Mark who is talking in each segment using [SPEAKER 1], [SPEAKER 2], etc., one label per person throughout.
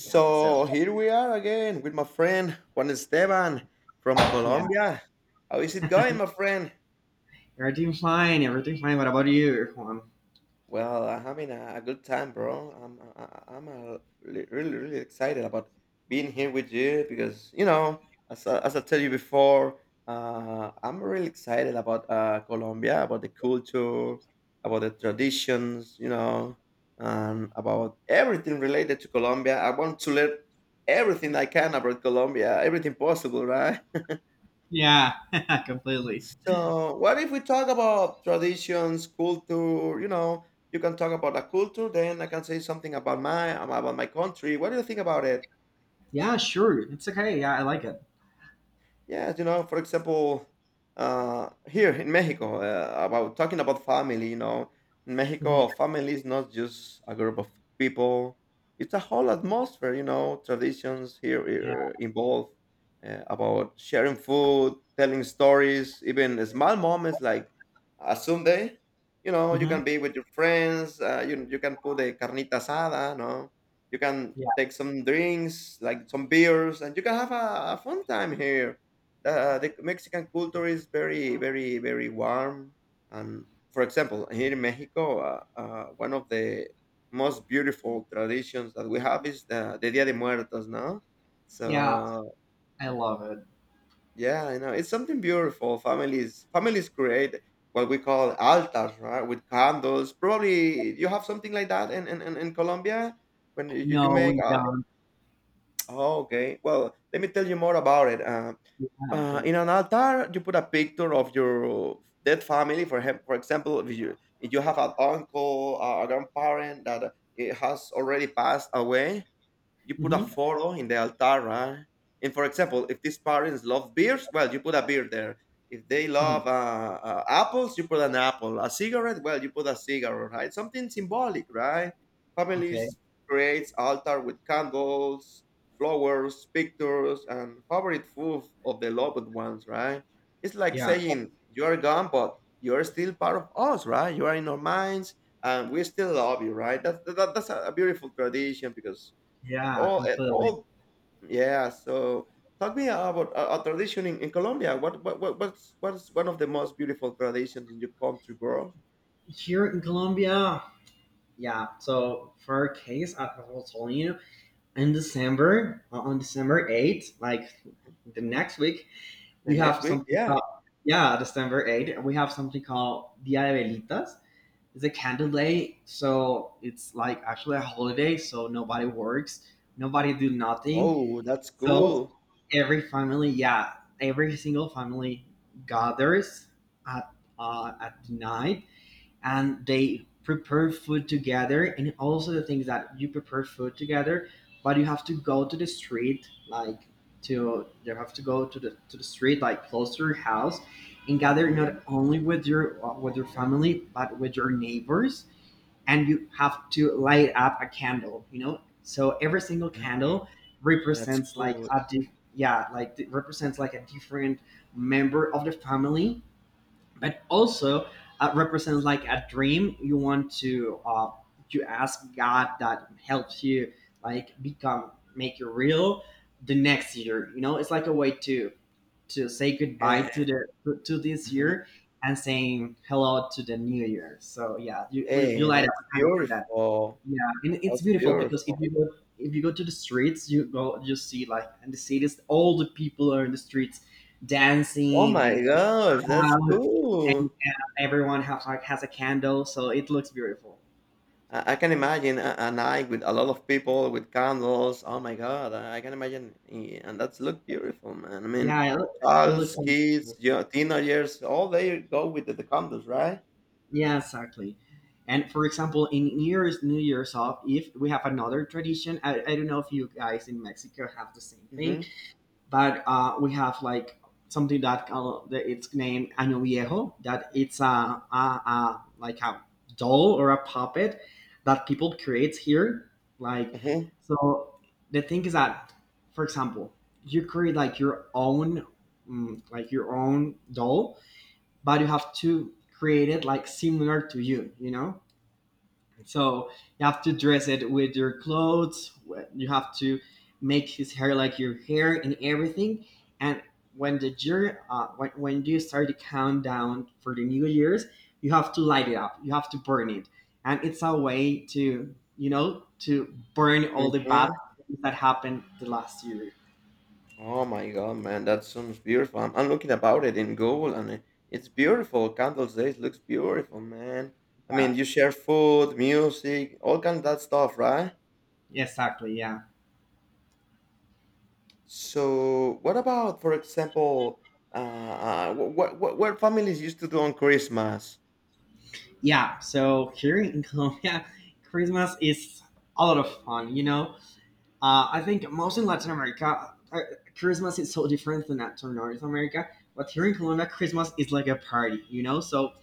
[SPEAKER 1] Yeah. So
[SPEAKER 2] here we are again with my friend Juan Esteban from
[SPEAKER 1] yeah,
[SPEAKER 2] Colombia. How is it going, my friend?
[SPEAKER 1] we're doing fine. We're doing fine. What about you, Juan?
[SPEAKER 2] Well, I'm having a good time, bro. I'm really excited about being here with you because as I tell you before, I'm really excited about Colombia, about the culture, about the traditions, and about everything related to Colombia. I want to learn everything I can about Colombia, everything possible, right?
[SPEAKER 1] Yeah, completely.
[SPEAKER 2] So, what if we talk about traditions, culture? You know, you can talk about the culture, then I can say something about my country. What do you think about it?
[SPEAKER 1] Yeah, sure. It's okay. Yeah, I like it.
[SPEAKER 2] Yes, for example, here in Mexico, about talking about family, in
[SPEAKER 1] Mhm.
[SPEAKER 2] Mexico, family is not just a group of people; it's a whole atmosphere. You know, traditions
[SPEAKER 1] Yeah.
[SPEAKER 2] here involve about sharing food, telling stories, even small moments like a Sunday. You know, you
[SPEAKER 1] Mhm.
[SPEAKER 2] can be with your friends. You can put a carnita asada. No, you can
[SPEAKER 1] Yeah.
[SPEAKER 2] take some drinks like some beers, and you can have a fun time here. The Mexican culture is very, very, very warm. And for example, here in Mexico, one of the most beautiful traditions that we have is the Dia de Muertos, no?
[SPEAKER 1] Yeah,
[SPEAKER 2] So
[SPEAKER 1] I love it.
[SPEAKER 2] yeah, it's something beautiful. Families create what we call altars, right? With candles. Probably you have something like that in Colombia when you
[SPEAKER 1] No,
[SPEAKER 2] make.
[SPEAKER 1] we don't.
[SPEAKER 2] Oh, okay. Well, let me tell you more about it.
[SPEAKER 1] Yeah,
[SPEAKER 2] In
[SPEAKER 1] please.
[SPEAKER 2] an altar you put a picture of your dead family for him, for example, if you have an uncle, a grandparent that it has already passed away, you put a
[SPEAKER 1] Mhm.
[SPEAKER 2] photo in the altar, right? And for example, if these parents love beers, well, you put a beer there. If they
[SPEAKER 1] Mhm.
[SPEAKER 2] love apples, you put an apple. A cigarette, well, you put a cigarette, right? Something symbolic, right?
[SPEAKER 1] Okay.
[SPEAKER 2] Families creates altar with candles, flowers, pictures, and favorite food of the loved ones, right? It's like
[SPEAKER 1] Yeah.
[SPEAKER 2] saying you are gone, but you are still part of us, right? You are in our minds, and we still love you, right? That's a beautiful tradition because.
[SPEAKER 1] Yeah,
[SPEAKER 2] Oh,
[SPEAKER 1] completely.
[SPEAKER 2] oh, yeah. So talk me about a tradition in Colombia. What's one of the most beautiful traditions in your country, bro?
[SPEAKER 1] Here in Colombia. Yeah. So for our case, I was telling you in December, on December 8th, like the next week.
[SPEAKER 2] The
[SPEAKER 1] We
[SPEAKER 2] next
[SPEAKER 1] have
[SPEAKER 2] week,
[SPEAKER 1] something
[SPEAKER 2] yeah.
[SPEAKER 1] called, yeah, December 8th. We have something called Dia de Velitas. It's a candle day, so it's like actually a holiday, so nobody works, nobody do nothing.
[SPEAKER 2] Oh, that's cool.
[SPEAKER 1] So every family, yeah, every single family gathers at at night, and they prepare food together. And also the things that you prepare food together, but you have to go to the street, like to you have to go to the street like close to your house, and gather
[SPEAKER 2] Hmm.
[SPEAKER 1] not only with your family but with your neighbors. And you have to light up a candle, so every single candle
[SPEAKER 2] That's
[SPEAKER 1] represents like
[SPEAKER 2] cool.
[SPEAKER 1] a di- yeah like it represents like a different member of the family. But also, represents like a dream you want to, you ask God that helps you, like, become, make you real the next year. You know, it's like a way to say goodbye
[SPEAKER 2] Eh,
[SPEAKER 1] to this
[SPEAKER 2] mhm.
[SPEAKER 1] year and saying hello to the new year. So yeah, you
[SPEAKER 2] Hey,
[SPEAKER 1] light up
[SPEAKER 2] that's
[SPEAKER 1] kind of for that.
[SPEAKER 2] beautiful.
[SPEAKER 1] Yeah, and it's
[SPEAKER 2] That's
[SPEAKER 1] beautiful because if
[SPEAKER 2] beautiful.
[SPEAKER 1] you go, to the streets, you go, you see, like, in the cities, all the people are in the streets
[SPEAKER 2] Oh
[SPEAKER 1] dancing
[SPEAKER 2] my
[SPEAKER 1] and
[SPEAKER 2] gosh, that's
[SPEAKER 1] house, and
[SPEAKER 2] cool.
[SPEAKER 1] everyone have like has a candle, so it looks beautiful.
[SPEAKER 2] I can imagine a night with a lot of people with candles. Oh my God, I can imagine, and that's look beautiful, man. I mean,
[SPEAKER 1] Yeah, it looks.
[SPEAKER 2] child's
[SPEAKER 1] Amazing.
[SPEAKER 2] kids, yeah, teenagers, all they go with the candles, right?
[SPEAKER 1] Yeah, exactly. And for example, in New Year's, if we have another tradition, I don't know if you guys in Mexico have the same thing,
[SPEAKER 2] Mm-hmm.
[SPEAKER 1] but we have like something that, it's named Año Viejo, that it's a doll or a puppet that people create here. Like,
[SPEAKER 2] Mm-hmm.
[SPEAKER 1] so the thing is that, for example, you create like your own, like your own doll, but you have to create it like similar to you, you know? So you have to dress it with your clothes. You have to make his hair like your hair and everything. And when you start the countdown for the New Year's, you have to light it up. You have to burn it, and it's a way to, to burn all the bad
[SPEAKER 2] Mm-hmm.
[SPEAKER 1] things that happened the last year.
[SPEAKER 2] Oh my God, man, that sounds beautiful. I'm looking about it in Google, and it's beautiful. Candles Days looks beautiful, man. I mean, you share food, music, all kind of that stuff, right?
[SPEAKER 1] Exactly. Yeah.
[SPEAKER 2] So, what about, for example, what families used to do on Christmas?
[SPEAKER 1] Yeah. So here in Colombia, Christmas is a lot of fun. I think most in Latin America, Christmas is so different than to North America. But here in Colombia, Christmas is like a party. So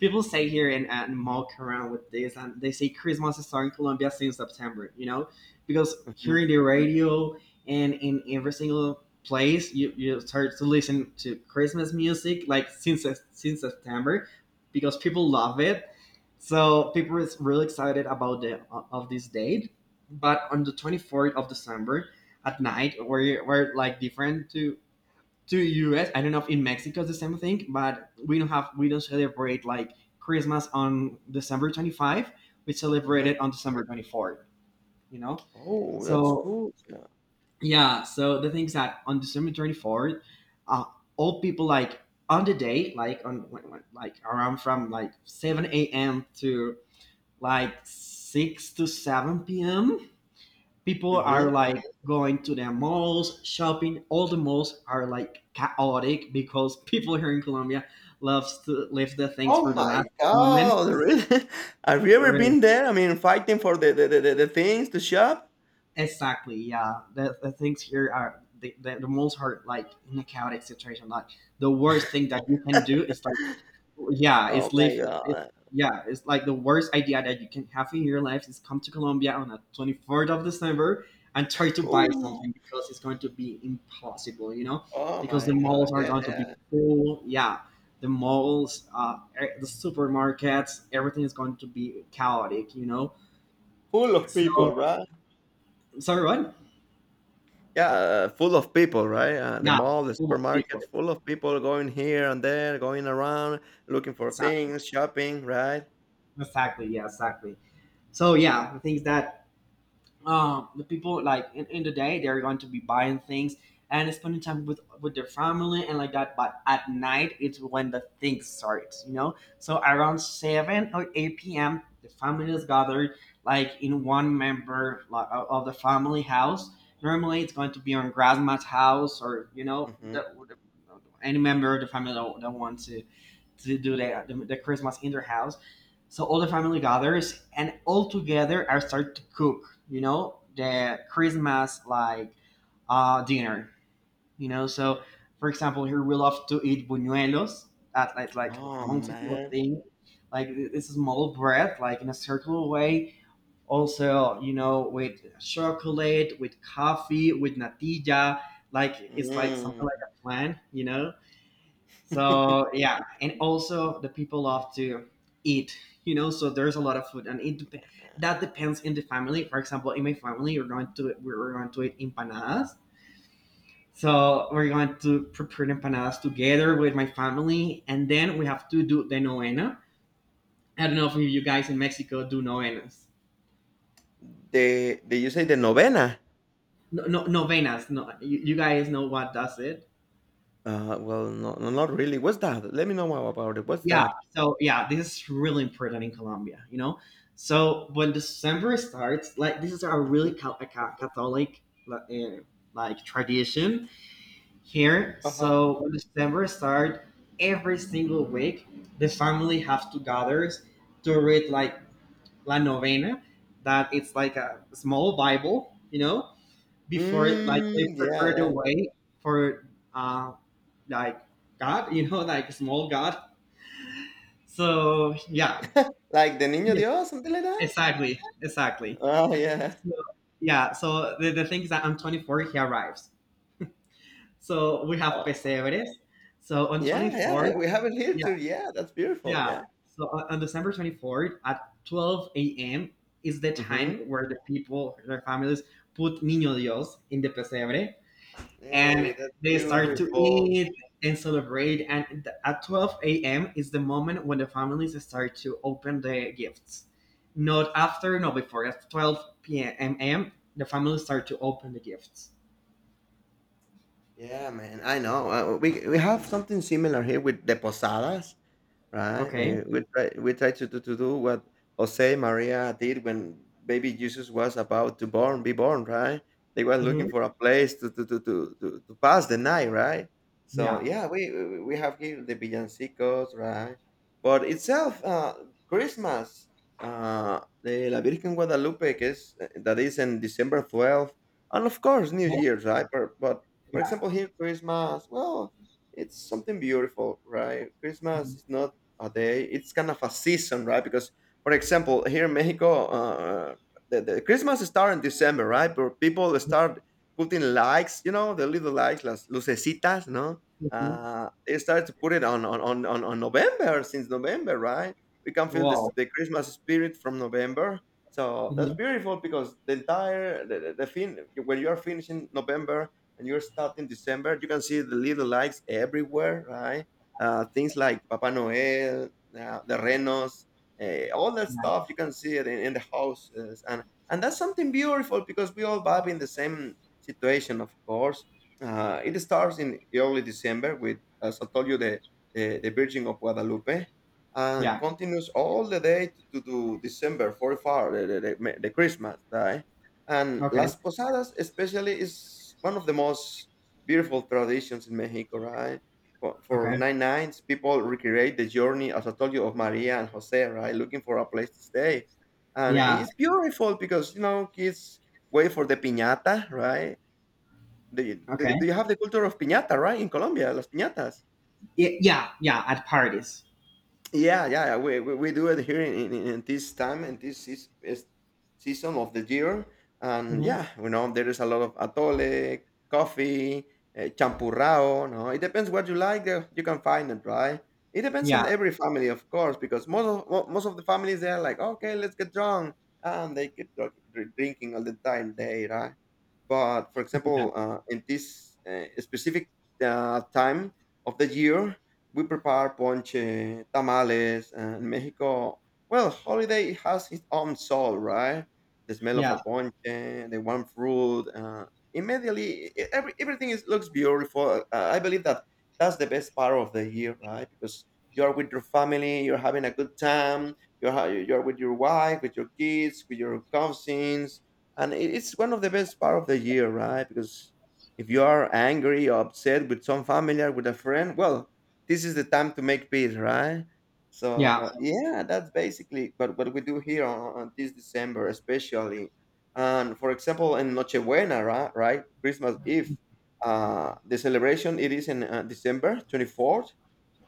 [SPEAKER 1] people say here, and mock around with this, and they say Christmas is in Colombia since September because here
[SPEAKER 2] Mhm,
[SPEAKER 1] in the radio and in every single place, you start to listen to Christmas music like since September, because people love it. So people is really excited about the of this date. But on the 24th of December at night, we're like different to US. I don't know if in Mexico it's the same thing, but we don't celebrate like Christmas on December 25th. We celebrate
[SPEAKER 2] mhm.
[SPEAKER 1] it on December 24th. You know,
[SPEAKER 2] Oh, that's
[SPEAKER 1] so
[SPEAKER 2] cool. Yeah.
[SPEAKER 1] yeah. So the things that on December 24th, uh, all people, like, on the day, like, on like around from like 7 a.m. to like 6 to 7 p.m, people are
[SPEAKER 2] Mhm.
[SPEAKER 1] like going to the malls shopping. All the malls are like chaotic because people here in Colombia loves to leave the things
[SPEAKER 2] Oh
[SPEAKER 1] for the
[SPEAKER 2] my
[SPEAKER 1] last moment.
[SPEAKER 2] God, really? Have you ever
[SPEAKER 1] Right.
[SPEAKER 2] been there? I mean, fighting for the things to shop?
[SPEAKER 1] Exactly. Yeah, the things here are the malls are like in a chaotic situation, like the worst thing that you can do is like, yeah,
[SPEAKER 2] Oh
[SPEAKER 1] it's
[SPEAKER 2] my
[SPEAKER 1] live. It,
[SPEAKER 2] God.
[SPEAKER 1] yeah, it's like the worst idea that you can have in your life is come to Colombia on the 24th of December and try to buy
[SPEAKER 2] Ooh.
[SPEAKER 1] something because it's going to be impossible.
[SPEAKER 2] Oh
[SPEAKER 1] Because the
[SPEAKER 2] my God.
[SPEAKER 1] malls are
[SPEAKER 2] Yeah,
[SPEAKER 1] going to be
[SPEAKER 2] yeah.
[SPEAKER 1] full. Yeah, the malls, the supermarkets, everything is going to be chaotic.
[SPEAKER 2] Full of people,
[SPEAKER 1] So
[SPEAKER 2] right?
[SPEAKER 1] sorry, what?
[SPEAKER 2] Yeah, full of people, right? The
[SPEAKER 1] Yeah,
[SPEAKER 2] mall, the
[SPEAKER 1] full of people.
[SPEAKER 2] supermarkets, full of people going here and there, going around, looking for
[SPEAKER 1] Exactly.
[SPEAKER 2] things, shopping, right?
[SPEAKER 1] Exactly. Yeah. Exactly. So yeah, the things that, the people, like, in the day, they're going to be buying things and spending time with their family and like that. But at night, it's when the things start. So around 7 or 8 p.m, the family is gathered, like, in one member, like, of the family house, normally it's going to be on grandma's house. Or
[SPEAKER 2] Mhm.
[SPEAKER 1] the- any member of the family that wants to do the Christmas in their house. So all the family gathers, and all together I start to cook, the Christmas like dinner. So for example, here we love to eat buñuelos, at like
[SPEAKER 2] Oh,
[SPEAKER 1] Monticello
[SPEAKER 2] man.
[SPEAKER 1] thing, like it's a small bread, like in a circular way. Also, with chocolate, with coffee, with natilla, like it's like something
[SPEAKER 2] Mm.
[SPEAKER 1] like a plan. So yeah, and also the people love to eat. So there's a lot of food, and that depends in the family. For example, in my family, we're going to eat empanadas. So we're going to prepare empanadas together with my family, and then we have to do the novena. I don't know if you guys in Mexico do novenas.
[SPEAKER 2] The Did you say the novena?
[SPEAKER 1] No, no novenas. No, you guys know what does it?
[SPEAKER 2] Well, no, no, not really. What's that? Let me know more about it. What's
[SPEAKER 1] Yeah.
[SPEAKER 2] that?
[SPEAKER 1] So yeah, this is really important in Colombia. When December starts, like, this is a really
[SPEAKER 2] Mhm.
[SPEAKER 1] Catholic like tradition here.
[SPEAKER 2] Uh-huh.
[SPEAKER 1] So when December starts, every single week the family have to gather to read, like, La Novena, that it's like a small Bible. Before, like, they
[SPEAKER 2] Mm, yeah,
[SPEAKER 1] prepare the
[SPEAKER 2] yeah.
[SPEAKER 1] way for uh like God. Like small God. So yeah.
[SPEAKER 2] Like the Niño
[SPEAKER 1] Yes,
[SPEAKER 2] Dios, something like that?
[SPEAKER 1] exactly, exactly.
[SPEAKER 2] Oh, yeah.
[SPEAKER 1] So yeah, so the thing is that on 24 he arrives. So we have
[SPEAKER 2] Oh,
[SPEAKER 1] pesebres. So on
[SPEAKER 2] yeah,
[SPEAKER 1] 24th,
[SPEAKER 2] yeah. We have it here
[SPEAKER 1] yeah,
[SPEAKER 2] too. Yeah, that's beautiful.
[SPEAKER 1] yeah.
[SPEAKER 2] Yeah.
[SPEAKER 1] So on December 24th at 12 a.m. is the time
[SPEAKER 2] Mm-hmm.
[SPEAKER 1] where the people, their families, put Niño Dios in the pesebre, and
[SPEAKER 2] Hey, that's
[SPEAKER 1] they start to
[SPEAKER 2] beautiful.
[SPEAKER 1] eat and celebrate. And at 12 a.m is the moment when the families start to open the gifts, not after, no, before, at 12 p.m.m. the families start to open the gifts.
[SPEAKER 2] Yeah, man. I know. We have something similar here with the posadas. Right?
[SPEAKER 1] Okay.
[SPEAKER 2] We try to do what Jose Maria did when baby Jesus was about to born be born, right? They were
[SPEAKER 1] Hmm.
[SPEAKER 2] looking for a place to pass the night, right? So
[SPEAKER 1] Yeah,
[SPEAKER 2] yeah, we have here the villancicos, right? But itself, Christmas, the La Virgen Guadalupe, que is that is in December 12th, and of course New
[SPEAKER 1] yeah,
[SPEAKER 2] Year's, right? But for example, here Christmas, well, it's something beautiful, right? Christmas
[SPEAKER 1] yeah.
[SPEAKER 2] is not a day. It's kind of a season, right? Because, for example, here in Mexico, the Christmas start in December, right? But people start putting likes, the little likes, las lucecitas, no?
[SPEAKER 1] Mhm.
[SPEAKER 2] They started to put it on November, since November, right? We can feel this,
[SPEAKER 1] Wow.
[SPEAKER 2] the Christmas spirit from November. So that's
[SPEAKER 1] Mhm.
[SPEAKER 2] beautiful because the entire the fin when you are finishing November and you're starting December, you can see the little likes everywhere, right? Things like Papa Noel, the Renos, all that
[SPEAKER 1] Yeah.
[SPEAKER 2] stuff. You can see it in the houses, and that's something beautiful because we all vibe in the same situation, of course. It starts in early December with, as I told you, the Virgin of Guadalupe, and
[SPEAKER 1] Yeah.
[SPEAKER 2] continues all the day to December 44, the Christmas, right? And
[SPEAKER 1] Okay.
[SPEAKER 2] Las Posadas, especially, is one of the most beautiful traditions in Mexico, right? For
[SPEAKER 1] Okay.
[SPEAKER 2] Nine Nines, people recreate the journey, as I told you, of Maria and Jose, right? Looking for a place to stay. And
[SPEAKER 1] Yeah.
[SPEAKER 2] it's beautiful because, kids wait for the piñata, right? Do you,
[SPEAKER 1] Okay.
[SPEAKER 2] do you have the culture of piñata, right? In Colombia, las piñatas.
[SPEAKER 1] Yeah, yeah, at parties.
[SPEAKER 2] Yeah, yeah, yeah, we do it here in this time, and this is season of the year. And
[SPEAKER 1] Mhm.
[SPEAKER 2] yeah, there is a lot of atole, coffee, champurrao. No, it depends what you like. You can find it, right? It depends
[SPEAKER 1] Yeah,
[SPEAKER 2] on every family, of course, because most of the families they are like, okay, let's get drunk, and they keep drinking all the entire day, right? But for
[SPEAKER 1] yeah,
[SPEAKER 2] example, in this specific time of the year, we prepare ponche, tamales, and Mexico. Well, holiday has its own soul, right? The smell of a
[SPEAKER 1] yeah,
[SPEAKER 2] ponche, the warm fruit. Immediately, everything looks beautiful. I believe that that's the best part of the year, right? Because you are with your family, you're having a good time, you're with your wife, with your kids, with your cousins, and it's one of the best part of the year, right? Because if you are angry or upset with some family or with a friend, well, this is the time to make peace, right?
[SPEAKER 1] yeah.
[SPEAKER 2] So yeah, that's basically but what we do here on this December, especially. And for example, in Nochebuena, right, right, Christmas Eve, the celebration it is in December 24th,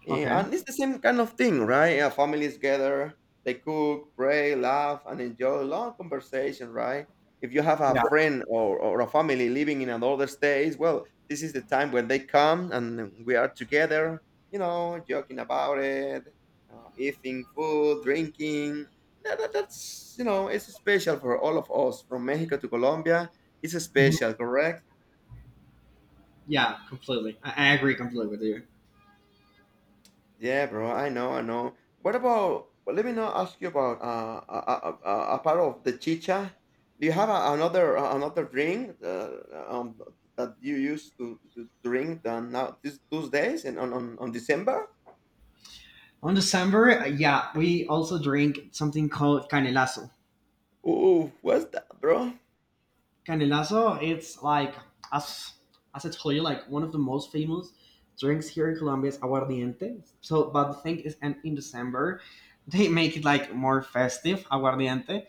[SPEAKER 2] yeah,
[SPEAKER 1] Okay.
[SPEAKER 2] and it's the same kind of thing, right? Yeah, families gather, they cook, pray, laugh, and enjoy long conversation, right? If you have a
[SPEAKER 1] Yeah.
[SPEAKER 2] friend or a family living in another state, well, this is the time when they come and we are together, joking about it, eating food, drinking. It's special for all of us from Mexico to Colombia. It's special, correct?
[SPEAKER 1] Yeah, completely. I agree completely with you.
[SPEAKER 2] Yeah, bro. I know. What about, well, let me now ask you about a part of the chicha. Do you have another another drink um, that you used to drink now these those days and on December?
[SPEAKER 1] On December, yeah, we also drink something called canelazo.
[SPEAKER 2] Oh, what's that, bro?
[SPEAKER 1] Canelazo, it's like, as, as I told you, like one of the most famous drinks here in Colombia is aguardiente. So, but the thing is, and in December, they make it like more festive, aguardiente.